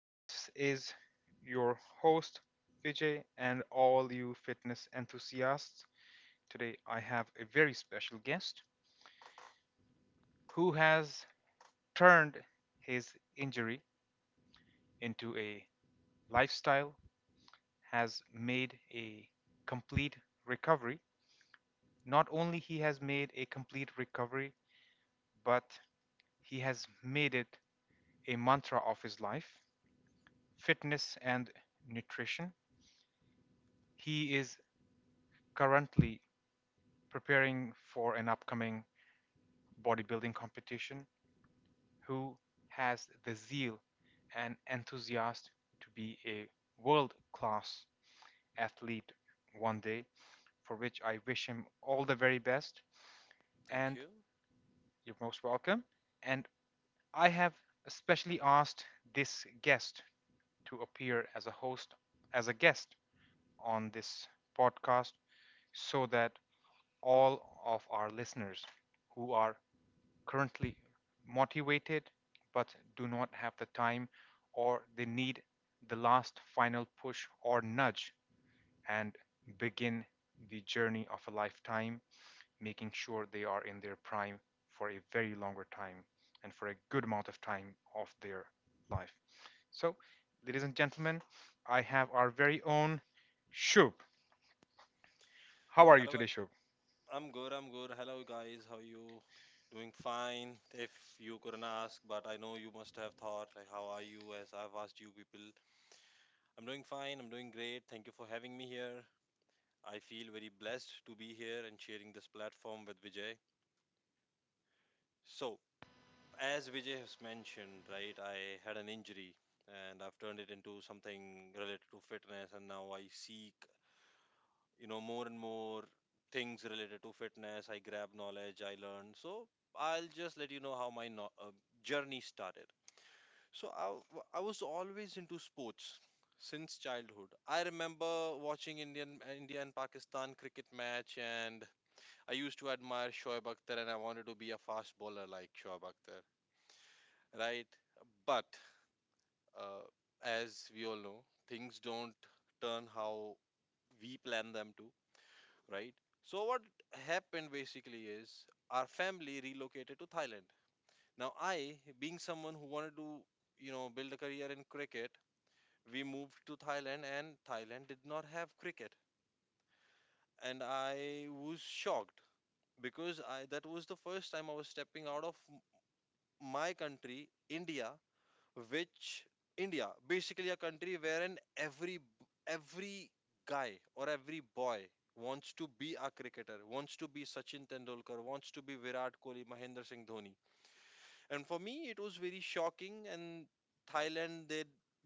This is your host, Vijay, and all you fitness enthusiasts. Today, I have a very special guest who has turned his injury into a lifestyle, has made a complete recovery. Not only he has made a complete recovery, but he has made it a mantra of his life, fitness and nutrition. He is currently preparing for an upcoming bodybuilding competition who has the zeal and enthusiasm to be a world class athlete one day, for which I wish him all the very best. Thank And you. you're most welcome. And I have especially asked this guest to appear as a host, as a guest on this podcast, so that all of our listeners who are currently motivated but do not have the time or they need the last final push or nudge and begin the journey of a lifetime, making sure they are in their prime for a very longer time and for a good amount of time of their life. So, ladies and gentlemen, I have our very own Shub. How are you Hello, I- today, Shub? I'm good. I'm good. Hello, guys. How are you? Doing fine. If you couldn't ask, but I know you must have thought, like, how are you? As I've asked you people, I'm doing fine. I'm doing great. Thank you for having me here. I feel very blessed to be here and sharing this platform with Vijay. So, as Vijay has mentioned, right, I had an injury and I've turned it into something related to fitness, and now I seek more and more things related to fitness. I grab knowledge, I learn. So I'll just let you know how my journey started. So I was always into sports. Since childhood, I remember watching India and Pakistan cricket match. And I used to admire Shoaib Akhtar and I wanted to be a fast bowler like Shoaib Akhtar, right? But uh, as we all know, things don't turn how we plan them to, right? So what happened basically is our family relocated to Thailand. Now I, being someone who wanted to, you know, build a career in cricket, we moved to Thailand and Thailand did not have cricket. And I was shocked because I that was the first time I was stepping out of my country, India, which India, basically a country wherein every guy or every boy wants to be a cricketer, wants to be Sachin Tendulkar, wants to be Virat Kohli, Mahendra Singh Dhoni. And for me it was very shocking. And Thailand, they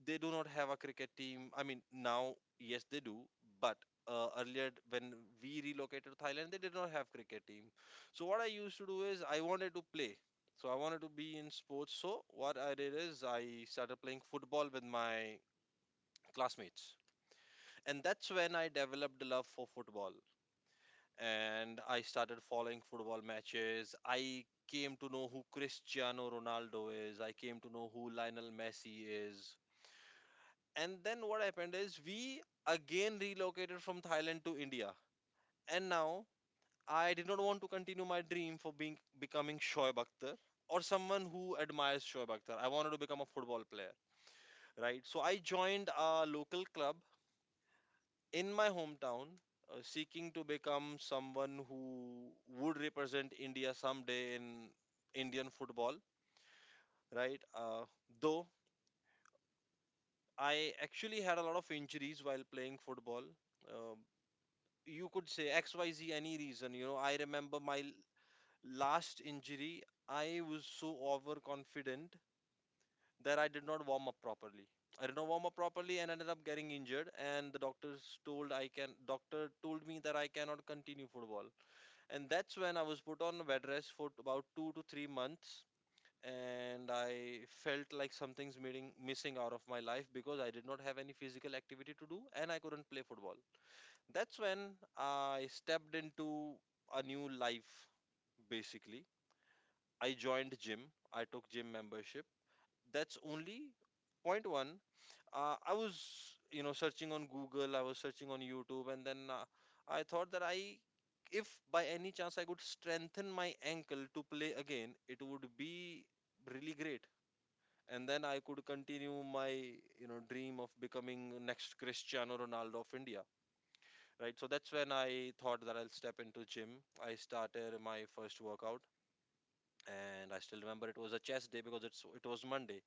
they do not have a cricket team. I mean, now yes they do, but earlier when we relocated to Thailand, they did not have cricket team. So what I used to do is I wanted to play. So I wanted to be in sports. So what I did is I started playing football with my classmates, and that's when I developed a love for football. And I started following football matches. I came to know who Cristiano Ronaldo is. I came to know who Lionel Messi is. And then what happened is we again relocated from Thailand to India. And now I did not want to continue my dream for being becoming Shoaib Akhtar or someone who admires Shoaib Akhtar. I wanted to become a football player, right? So I joined a local club in my hometown, seeking to become someone who would represent India someday in Indian football, right? Though I actually had a lot of injuries while playing football. Um you could say XYZ any reason, you know. I remember my last injury, I was so overconfident that I did not warm up properly. I did not warm up properly and ended up getting injured. And the doctors told, I can, doctor told me that I cannot continue football. And that's when I was put on a bed rest for about 2 to 3 months. And I felt like something's meeting, missing out of my life because I did not have any physical activity to do and I couldn't play football. That's when I stepped into a new life, basically. I joined gym, I took gym membership. That's only point one. I was, you know, searching on Google, I was searching on YouTube, and then I thought that I, if by any chance I could strengthen my ankle to play again, it would be really great. And then I could continue my, you know, dream of becoming next Cristiano Ronaldo of India, right? So that's when I thought that I'll step into gym. I started my first workout, and I still remember it was a chess day because it was Monday.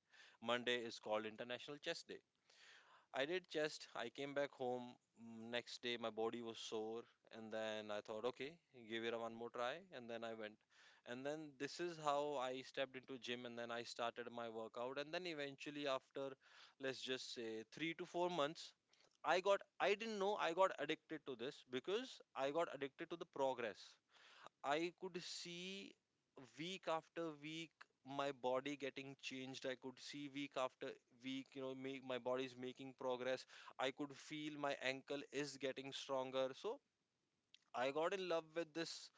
Monday is called International Chess Day. I did just, I came back home. Next day, my body was sore, and then I thought, okay, give it a one more try, and then I went. And then this is how I stepped into gym, and then I started my workout, and then eventually after, let's just say 3 to 4 months, I got, I didn't know I got addicted to this because I got addicted to the progress. I could see week after week my body getting changed. I could see week after week, you know, make my body's making progress. I could feel my ankle is getting stronger. So I got in love with this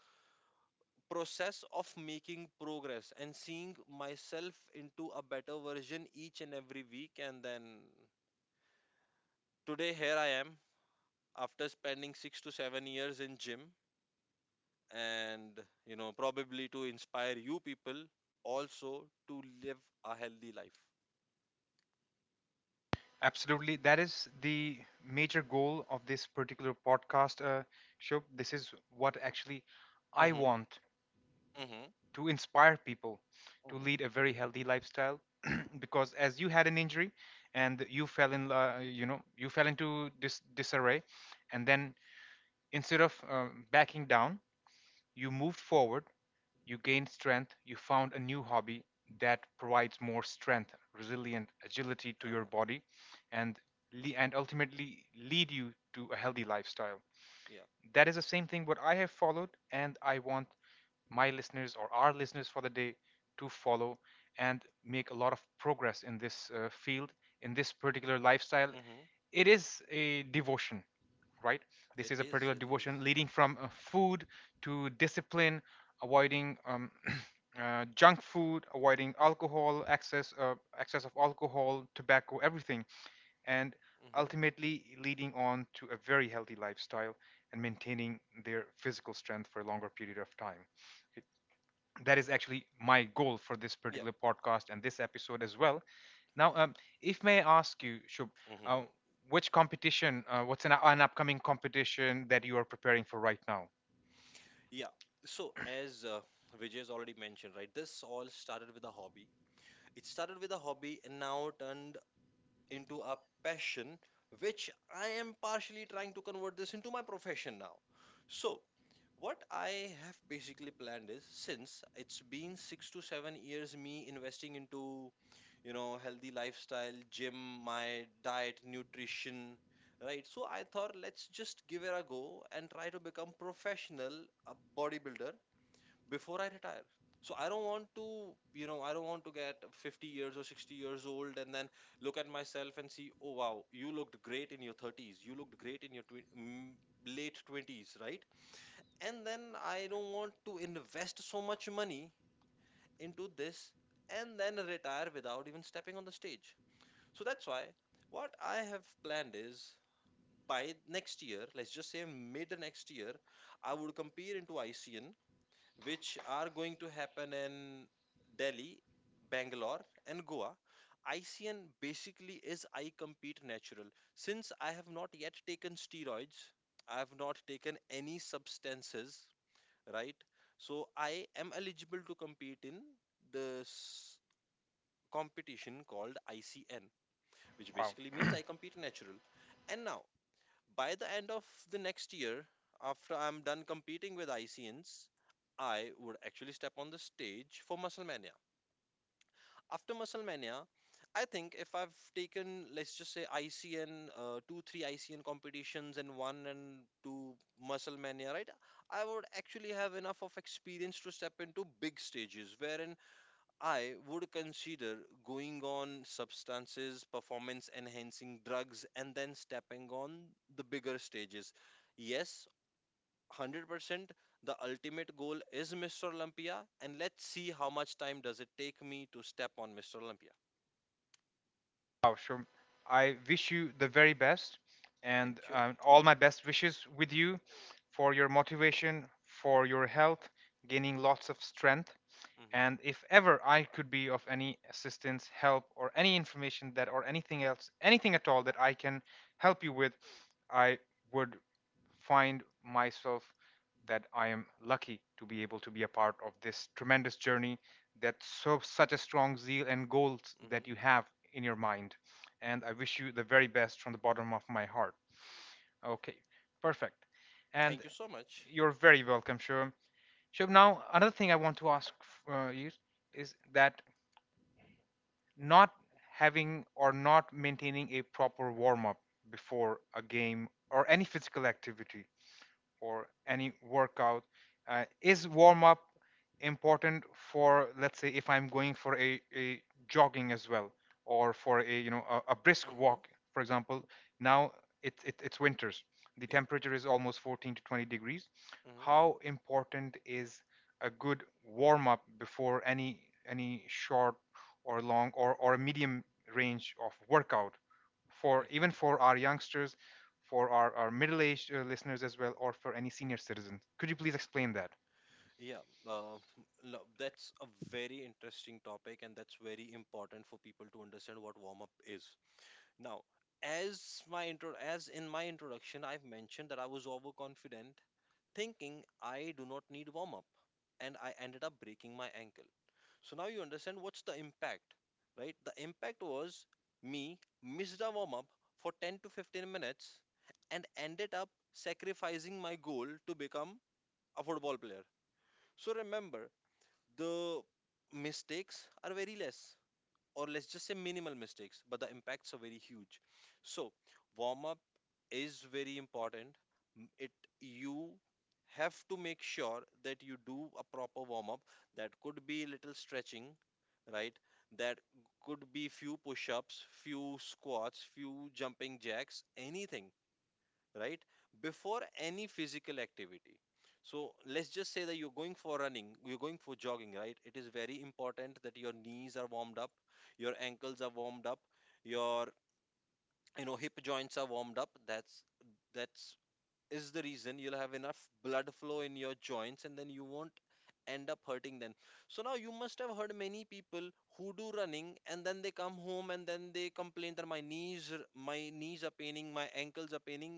process of making progress and seeing myself into a better version each and every week. And then today here I am after spending 6 to 7 years in gym, and you know, probably to inspire you people also to live a healthy life. Absolutely. That is the major goal of this particular podcast show. This is what actually I Mm-hmm. want Mm-hmm. to inspire people to Mm-hmm. lead a very healthy lifestyle because as you had an injury and you fell in you know you fell into disarray and then instead of backing down, you moved forward, you gained strength, you found a new hobby that provides more strength, resilient agility to your Uh-huh. body, and ultimately lead you to a healthy lifestyle. Yeah. That is the same thing what I have followed and I want my listeners or our listeners for the day to follow and make a lot of progress in this field, in this particular lifestyle. Mm-hmm. It is a devotion, right? This It is a is. particular It is. devotion leading from food to discipline, avoiding junk food, avoiding alcohol, excess, excess of alcohol, tobacco, everything, and Mm-hmm. ultimately leading on to a very healthy lifestyle and maintaining their physical strength for a longer period of time. It that is actually my goal for this Yeah. particular podcast and this episode as well. Now, if may I ask you, Shub, Mm-hmm. uh, which competition, what's an upcoming competition that you are preparing for right now? Yeah. So as Vijay has already mentioned, right, this all started with a hobby. It started with a hobby and now turned into a passion, which I am partially trying to convert this into my profession now. So what I have basically planned is, since it's been 6 to 7 years, me investing into, you know, healthy lifestyle, gym, my diet, nutrition, right? So I thought let's just give it a go and try to become professional, a bodybuilder, before I retire. So I don't want to, you know, I don't want to get 50 years or 60 years old and then look at myself and see, oh wow, you looked great in your 30s, you looked great in your late 20s, right? And then I don't want to invest so much money into this and then retire without even stepping on the stage. So that's why what I have planned is, by next year, let's just say mid next year, I would compete into ICN, which are going to happen in Delhi, Bangalore, and Goa. ICN basically is I compete natural. Since I have not yet taken steroids, I have not taken any substances, right? So I am eligible to compete in this competition called ICN, which Wow. basically means I compete natural. And now, by the end of the next year, after I'm done competing with ICNs, I would actually step on the stage for Muscle after muscle mania. I think if I've taken, let's just say, icn 2 3 ICN competitions and one and two muscle mania, right, I would actually have enough of experience to step into big stages, wherein I would consider going on substances, performance enhancing drugs, and then stepping on the bigger stages. Yes. 100%, the ultimate goal is Mr. Olympia. And let's see how much time does it take me to step on Mr. Olympia. Wow, sure. I wish you the very best and Thank you. All my best wishes with you for your motivation, for your health, gaining lots of strength. Hmm. And if ever I could be of any assistance, help, or any information that, or anything else, anything at all that I can help you with, I would find myself that I am lucky to be able to be a part of this tremendous journey that so such a strong zeal and goals that Hmm. you have in your mind, and I wish you the very best from the bottom of my heart. Okay, perfect. And Thank you so much. you're very welcome, Shubham. Shubham, now another thing I want to ask you is that not having or not maintaining a proper warm up before a game or any physical activity or any workout. Is warm up important for, let's say, if I'm going for a jogging as well, or for a you know a brisk Hmm. walk, for example? Now it's winters. The Yeah. temperature is almost 14 to 20 degrees. Hmm. How important is a good warm up before any short or long or a medium range of workout for Hmm. even for our youngsters, for our middle aged listeners as well, or for any senior citizen. Could you please explain that? Yeah. That's a very interesting topic, and that's very important for people to understand what warm up is. Now, as in my introduction, I've mentioned that I was overconfident, thinking I do not need warm up, and I ended up breaking my ankle. So now you understand what's the impact, right? The impact was me missed a warm up for 10 to 15 minutes and ended up sacrificing my goal to become a football player. So remember, the mistakes are very less, or let's just say minimal mistakes, but the impacts are very huge. So warm up is very important. M- It You have to make sure that you do a proper warm up. That could be little stretching, right? That could be few push ups, few squats, few jumping jacks, anything, right, before any physical activity. So let's just say that you're going for running, you're going for jogging, right? It is very important that your knees are warmed up, your ankles are warmed up, your, you know, hip joints are warmed up. That's is the reason you'll have enough blood flow in your joints and then you won't end up hurting them. So now you must have heard many people who do running and then they come home and then they complain that my knees are paining, my ankles are paining,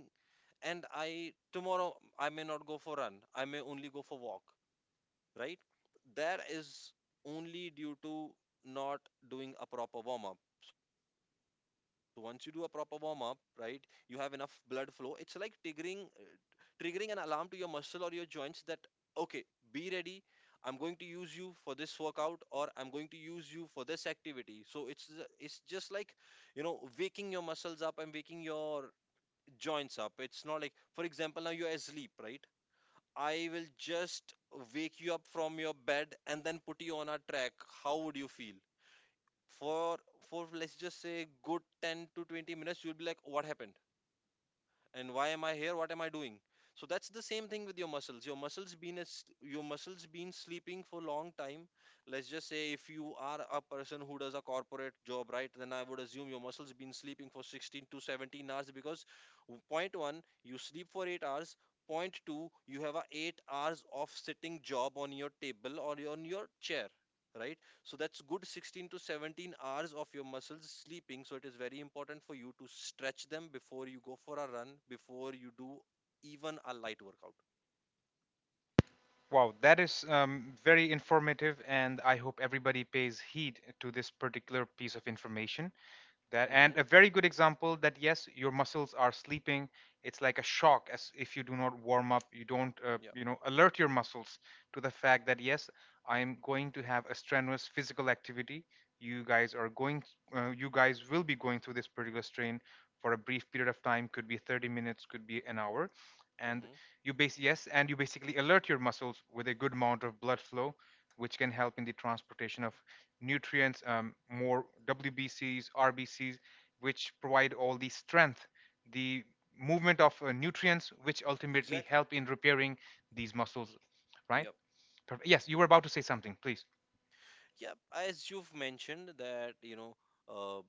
and I tomorrow I may not go for run, I may only go for walk, right? That is only due to not doing a proper warm up. So once you do a proper warm up, right, you have enough blood flow. It's like triggering an alarm to your muscle or your joints that, okay, be ready, I'm going to use you for this workout or I'm going to use you for this activity. So it's it's just like, you know, waking your muscles up and waking your joins up. It's not like, for example, now you're asleep, right? I will just wake you up from your bed and then put you on a track. How would you feel? For let's just say good 10 to 20 minutes, you'll be like, what happened? And why am I here? What am I doing? So that's the same thing with your muscles. Your muscles been as Your muscles been sleeping for long time. Let's just say, if you are a person who does a corporate job, right, then I would assume your muscles been sleeping for 16 to 17 hours, because point 1, you sleep for 8 hours. Point 2, you have a 8 hours of sitting job on your table or on your chair, right? So that's good 16 to 17 hours of your muscles sleeping, so it is very important for you to stretch them before you go for a run, before you do even a light workout. Wow, that is very informative, and I hope everybody pays heed to this particular piece of information. That and Hmm. a very good example that yes your muscles are sleeping, it's like a shock as if you do not warm up, you don't Yeah. you know alert your muscles to the fact that yes I am going to have a strenuous physical activity, you guys are going you guys will be going through this particular strain for a brief period of time, could be 30 minutes, could be an hour, and Hmm. you base yes and you basically alert your muscles with a good amount of blood flow which can help in the transportation of nutrients, more WBCs, RBCs, which provide all the strength, the movement of nutrients, which ultimately Exactly. help in repairing these muscles, right? Yep. Yes, you were about to say something, please. Yep, as you've mentioned, that you know uh,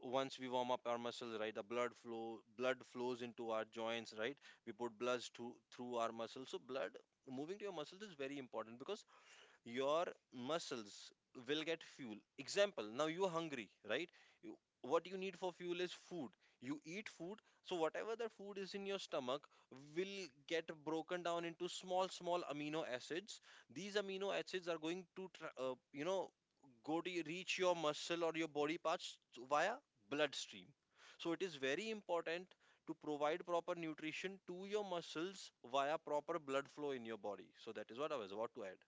once we warm up our muscles, right, the blood flows into our joints, right? We put blood through our muscles, so blood moving to your muscles is very important because your muscles will get fuel. Example, now you're hungry, right? What you need for fuel is food. You eat food. So whatever the food is in your stomach will get broken down into small small amino acids. These amino acids are going to go to reach your muscle or your body parts via bloodstream. So it is very important to provide proper nutrition to your muscles via proper blood flow in your body. So that is what I was about to add.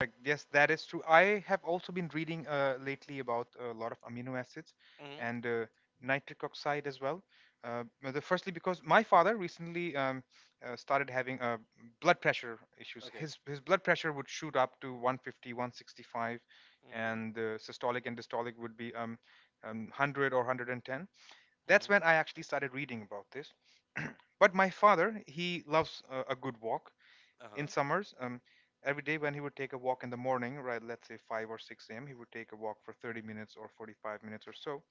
Correct. Yes, that is true. I have also been reading lately about a lot of amino acids and nitric oxide as well. But the firstly, because my father recently started having blood pressure issues. Okay. His blood pressure would shoot up to 150, 165, Mhm. and the systolic and dystolic would be 100 or 110. That's Mhm. when I actually started reading about this. But my father, he loves a good walk in Uh-huh. summers, every day when he would take a walk in the morning, right, let's say 5 or 6 a.m., he would take a walk for 30 minutes or 45 minutes or so.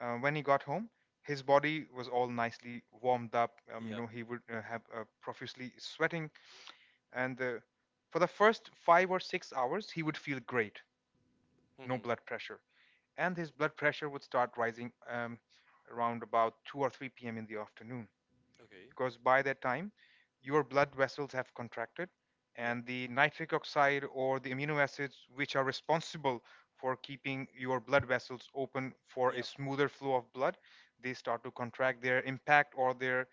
When he got home, his body was all nicely warmed up. You Yeah. know, he would have profusely sweating. And for the first 5 or 6 hours, he would feel great, no Mhm. blood pressure. And his blood pressure would start rising around about 2 or 3 p.m. in the afternoon Okay. because by that time your blood vessels have contracted Yeah. and the nitric oxide or the amino acids which are responsible for keeping your blood vessels open for a Yeah. smoother flow of blood, they start to contract, their impact or their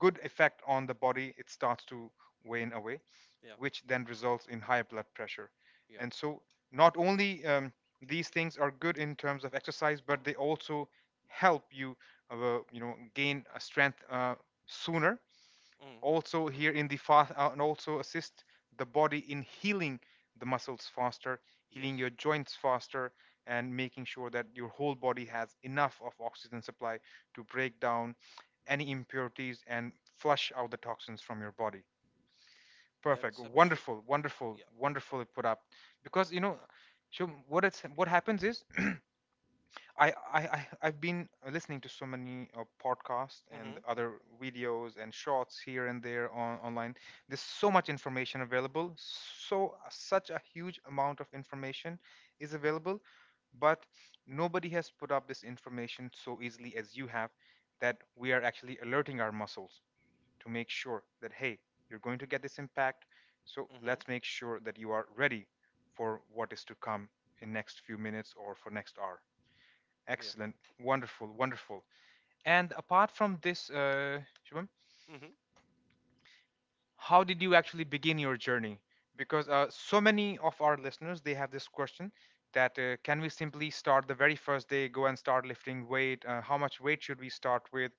good effect on the body, it starts to wane away, Yeah. which then results in high blood pressure. Yeah. And so not only these things are good in terms of exercise, but they also help you you know gain a strength sooner. Mhm. Also here in the fast and also assist the body in healing the muscles faster, healing your Yes. joints faster, and making sure that your whole body has enough of oxygen supply to break down any impurities and flush out the toxins from your body. Perfect. That's absolute. Wonderful, wonderful, Yeah. wonderfully put up. Because you know, so what it's what happens is I, I've been listening to so many podcasts and Mhm. other videos and shorts here and there on online. There's so much information available. So such a huge amount of information is available, but nobody has put up this information so easily as you have. That we are actually alerting our muscles to make sure that hey, you're going to get this impact. So Mhm. let's make sure that you are ready for what is to come in next few minutes or for next hour. Yeah. Excellent. Wonderful. Wonderful. And apart from this, Shubham, Mhm. how did you actually begin your journey? Because so many of our listeners, they have this question that can we simply start the very first day, go and start lifting weight? How much weight should we start with?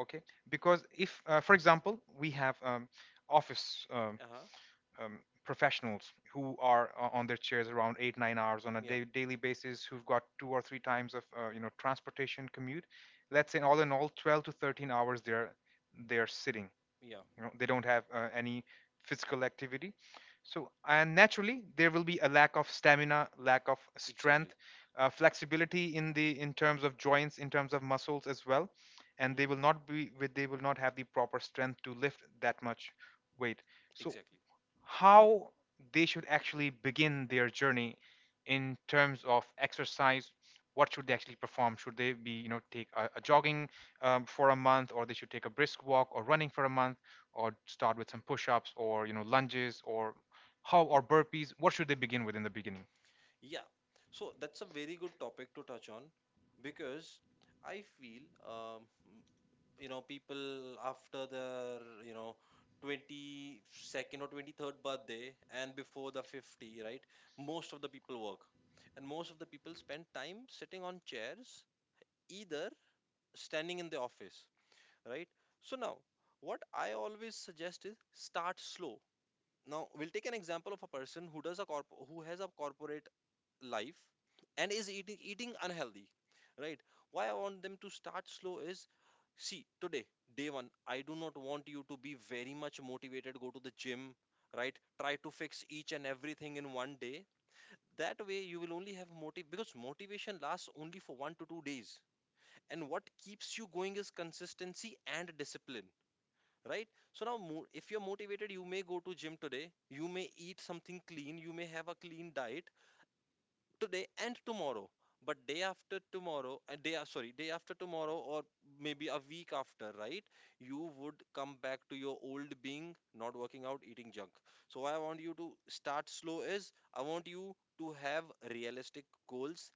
Okay. Because if, for example, we have office Uh-huh. um, professionals who are on their chairs around 8 9 hours on a Yeah. Daily basis who've got two or three times of you know transportation commute, let's say all in all 12 to 13 hours they're sitting, Yeah. you know they don't have any physical activity, so and naturally there will be a lack of stamina, lack of strength, Exactly. Flexibility in the in terms of joints in terms of muscles as well, and they Mhm. will not be with they will not have the proper strength to lift that much weight. So Exactly. how they should actually begin their journey in terms of exercise, what should they actually perform, should they be you know take a jogging for a month or they should take a brisk walk or running for a month, or start with some push-ups or you know lunges or how or burpees, what should they begin with in the beginning? Yeah. So that's a very good topic to touch on, because I feel people after their 22nd or 23rd birthday and before the 50, right? Most of the people work, and most of the people spend time sitting on chairs, either standing in the office, right? So now what I always suggest is start slow. Now we'll take an example of a person who does a corp who has a corporate life and is eating unhealthy, right? Why I want them to start slow is, see, today, day one, I do not want you to be very much motivated, go to the gym, right, try to fix each and everything in one day. That way you will only have motive, because motivation lasts only for 1 to 2 days. And what keeps you going is consistency and discipline, right? So now if you're motivated, you may go to gym today, you may eat something clean, you may have a clean diet today and tomorrow. But day after tomorrow, and sorry, day after tomorrow, or maybe a week after, right? You would come back to your old being, not working out, eating junk. So what I want you to start slow is, I want you to have realistic goals,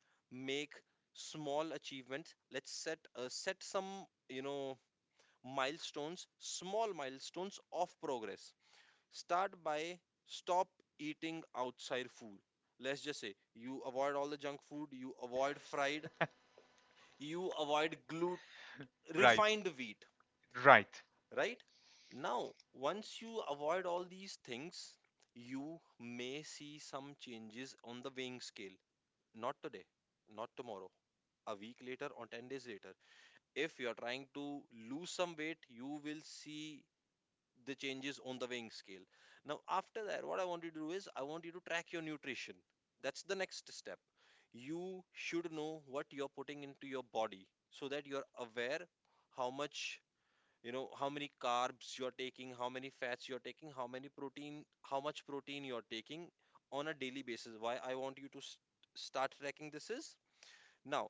make small achievements. Let's set some you know milestones, small milestones of progress. Start by stop eating outside food. Let's just say you avoid all the junk food, you avoid fried, you avoid gluten, Right. refined wheat, Right. right? Now, once you avoid all these things, you may see some changes on the weighing scale. Not today, not tomorrow, a week later, or 10 days later. If you're trying to lose some weight, you will see the changes on the weighing scale. Now, after that, what I want you to do is I want you to track your nutrition. That's the next step. You should know what you're putting into your body so that you're aware how much, how many carbs you're taking, how many fats you're taking, how many protein, how much protein you're taking on a daily basis. Why I want you to start tracking this is, now,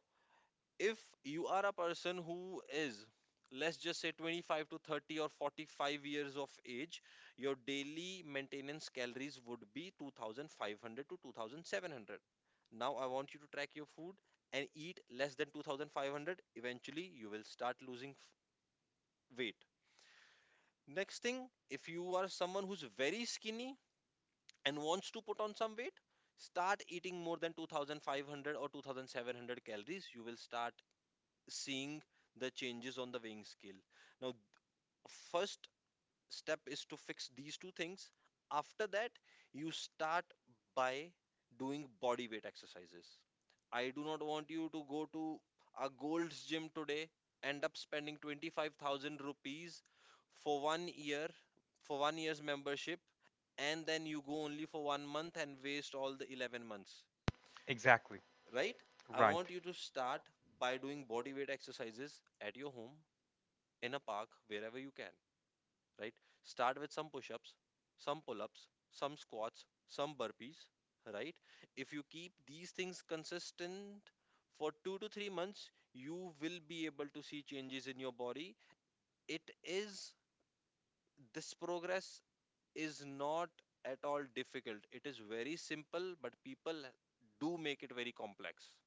if you are a person who is, let's just say, 25 to 30 or 45 years of age, your daily maintenance calories would be 2,500 to 2,700. Now I want you to track your food and eat less than 2,500. Eventually you will start losing weight. Next thing, if you are someone who's very skinny and wants to put on some weight, start eating more than 2,500 or 2,700 calories. You will start seeing the changes on the weighing scale. Now, first step is to fix these two things. After that, you start by doing body weight exercises. I do not want you to go to a Gold's gym today, end up spending 25,000 rupees for one year, for one year's membership, and then you go only for one month and waste all the 11 months, Exactly. right? I Right. want you to start by doing body weight exercises at your home, in a park, wherever you can, right? Start with some push ups, some pull ups, some squats, some burpees, right? If you keep these things consistent for 2 to 3 months, you will be able to see changes in your body. It is This progress is not at all difficult, it is very simple, but people do make it very complex.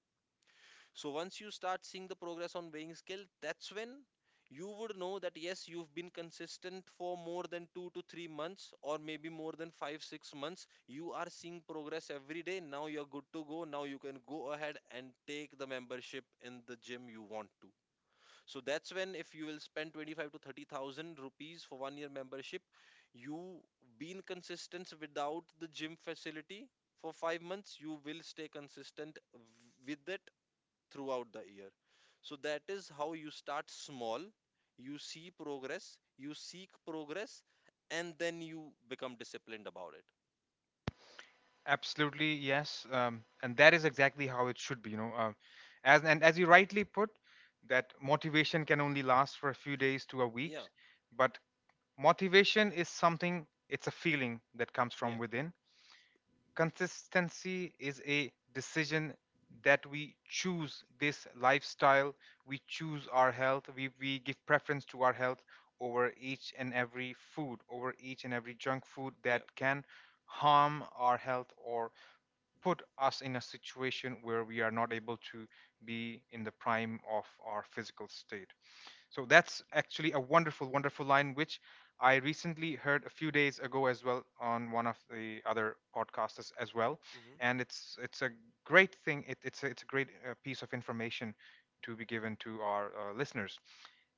So once you start seeing the progress on weighing scale, that's when you would know that yes, you've been consistent for more than 2 to 3 months, or maybe more than five, 6 months. You are seeing progress every day. Now you're good to go. Now you can go ahead and take the membership in the gym you want to. So that's when, if you will spend 25 to 30,000 rupees for one year membership, you been consistent without the gym facility for 5 months, you will stay consistent with it throughout the year. So that is how you start small, you see progress, you seek progress, and then you become disciplined about it. Absolutely, yes. And that is exactly how it should be, you know. As and as you rightly put, that motivation can only last for a few days to a week, Yeah, but motivation is something, it's a feeling that comes from yeah, within. Consistency is a decision that we choose this lifestyle, we choose our health, we give preference to our health over each and every food, over each and every junk food yeah. that can harm our health or put us in a situation where we are not able to be in the prime of our physical state. So that's actually a wonderful, wonderful line, which I recently heard a few days ago as well on one of the other podcasts as well. Mm-hmm. And it's a great thing. It's a great piece of information to be given to our listeners.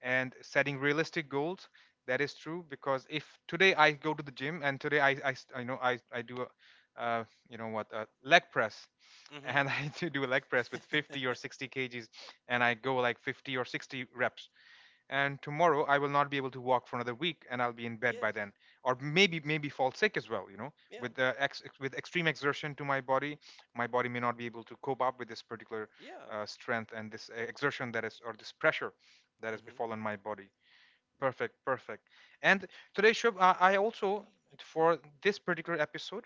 And setting realistic goals, that is true because if today I go to the gym and today I know I do a you know what a leg press, Mm-hmm. and I do a leg press with 50 or 60 kgs, and I go like 50 or 60 reps, and tomorrow I will not be able to walk for another week, and I'll be in bed by then, Yes. or maybe fall sick as well. You know, Yeah. With extreme exertion to my body may not be able to cope up with this particular Yeah. Strength and this exertion that is or this pressure that has Mm-hmm. befallen my body. Perfect, perfect. And today, Shubh, I also, for this particular episode,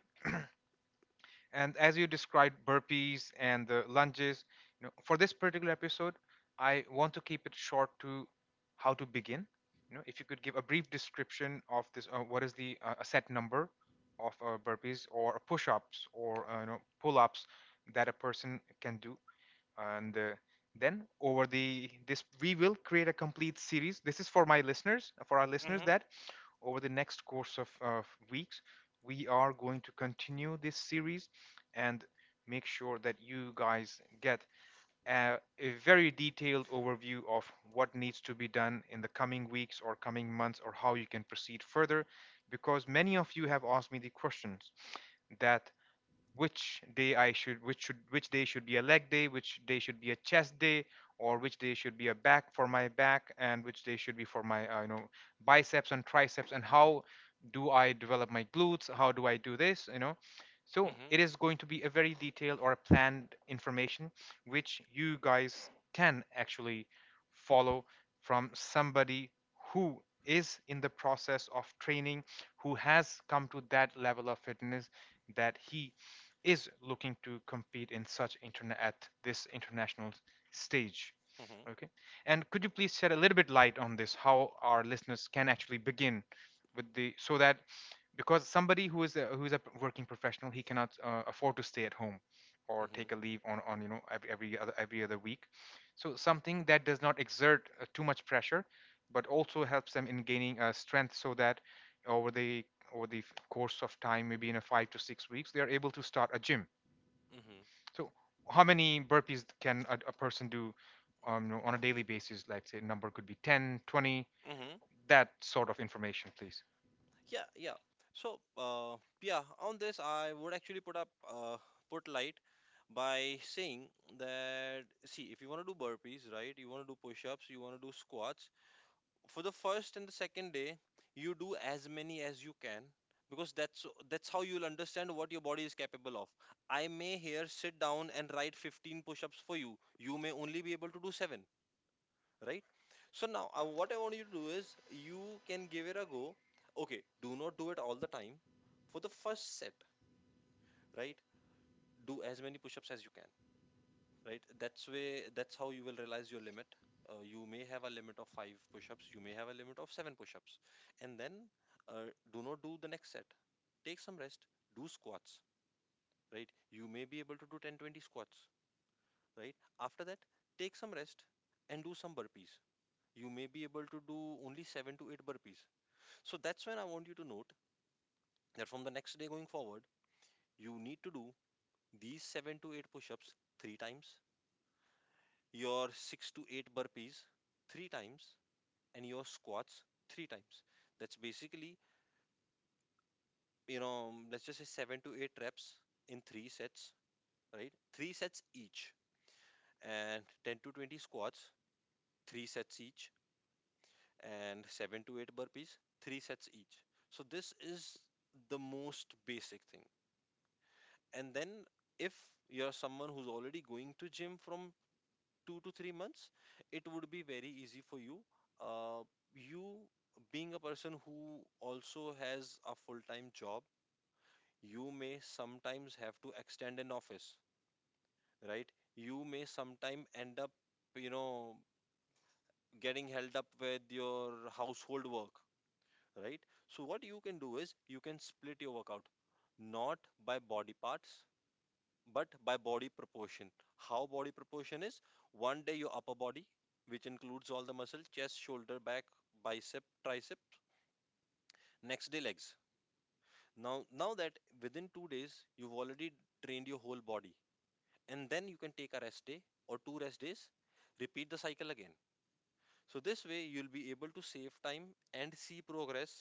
and as you described burpees and the lunges, you know, for this particular episode, I want to keep it short to how to begin. You know, if you could give a brief description of this, what is the a set number of burpees or push-ups or you know pull-ups that a person can do, and then over the this we will create a complete series. This is for my listeners, for our listeners, Mm-hmm. that over the next course of weeks we are going to continue this series and make sure that you guys get a very detailed overview of what needs to be done in the coming weeks or coming months, or how you can proceed further, because many of you have asked me the questions that which day should be a leg day, which day should be a chest day, or which day should be a back for my back, and which day should be for my you know biceps and triceps, and how do I develop my glutes? How do I do this? You know, so Mm-hmm. it is going to be a very detailed or a planned information which you guys can actually follow from somebody who is in the process of training, who has come to that level of fitness that he is looking to compete in such internet at this international stage. Mm-hmm. Okay, and could you please shed a little bit light on this, how our listeners can actually begin with the, so that, because somebody who is a working professional, he cannot afford to stay at home or Mm-hmm. take a leave on you know every other every other week. So something that does not exert too much pressure but also helps them in gaining strength, so that over the over the course of time, maybe in a 5 to 6 weeks, they are able to start a gym. Mm-hmm. So, how many burpees can a person do on a daily basis? Like, say, number could be 10, 20. Mm-hmm. That sort of information, please. Yeah. Yeah. So, yeah, on this, I would actually put light by saying that, see, if you want to do burpees, right, you want to do push ups, you want to do squats, for the first and the second day you do as many as you can, because that's how you'll understand what your body is capable of. I may here sit down and write 15 push-ups for you. You may only be able to do 7, right? So now, what I want you to do is you can give it a go, okay? Do not do it all the time. For the first set, right, do as many push-ups as you can, right? That's how you will realize your limit. You may have a limit of five push-ups, you may have a limit of seven push-ups, and then, uh, do not do the next set. Take some rest. Do squats, right? You may be able to do 10 20 squats, right? After that, take some rest, and do some burpees. You may be able to do only 7 to 8 burpees. So that's when I want you to note that from the next day going forward, you need to do these 7 to 8 push-ups three times, your 6 to 8 burpees three times, and your squats three times. That's basically, let's just say 7 to 8 reps in three sets, right? Three sets each, and 10 to 20 squats, three sets each, and 7 to 8 burpees, three sets each. So this is the most basic thing. And then if you're someone who's already going to gym from 2 to 3 months, it would be very easy for you. Uh, you being a person who also has a full-time job, you may sometimes have to extend an office, right? You may sometime end up, you know, getting held up with your household work, right? So what you can do is you can split your workout not by body parts but by body proportion. How body proportion is, one day your upper body, which includes all the muscle, chest, shoulder, back, bicep, tricep, next day legs. Now that within 2 days you've already trained your whole body, and then you can take a rest day or two rest days, repeat the cycle again. So this way you'll be able to save time and see progress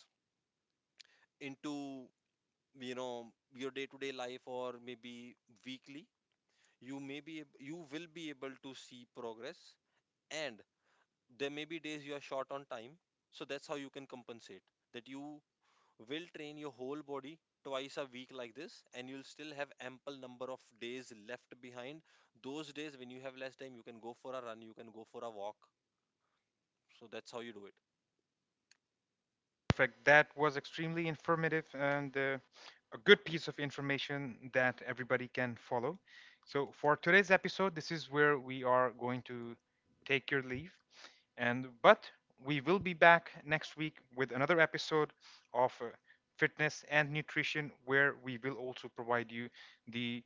into you know your day to day life, or maybe weekly, you will be able to see progress. And there may be days you are short on time, so that's how you can compensate that you will train your whole body twice a week like this, and you'll still have ample number of days left behind. Those days when you have less time, you can go for a run, you can go for a walk. So that's how you do it. Perfect. That was extremely informative, and a good piece of information that everybody can follow. So, for today's episode, this is where we are going to take your leave. And but we will be back next week with another episode of fitness and nutrition, where we will also provide you the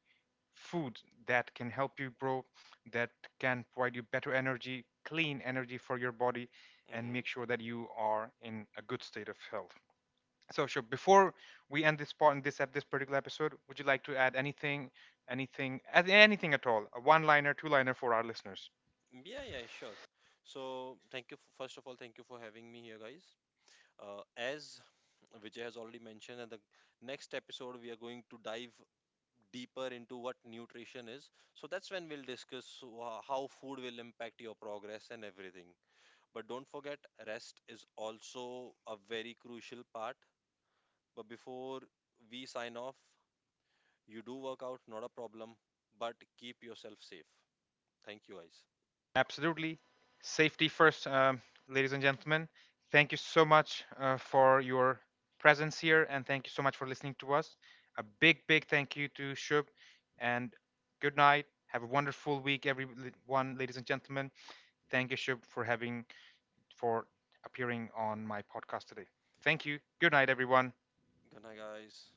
food that can help you grow, that can provide you better energy, clean energy for your body, and Hmm. make sure that you are in a good state of health. So, sure. Before we end this part, in this particular episode, would you like to add anything, anything at all? A one-liner, two-liner for our listeners? Yeah. Yeah, sure. So thank you, first of all, thank you for having me here, guys. As Vijay has already mentioned, in the next episode, we are going to dive deeper into what nutrition is. So that's when we'll discuss how food will impact your progress and everything. But don't forget, rest is also a very crucial part. But before we sign off, you do work out, not a problem, but keep yourself safe. Thank you, guys. Absolutely. Safety first, ladies and gentlemen. Thank you so much for your presence here, and thank you so much for listening to us. A big, big thank you to Shub, and good night. Have a wonderful week, everyone, ladies and gentlemen. Thank you, Shub, for appearing on my podcast today. Thank you. Good night, everyone. Good night, guys.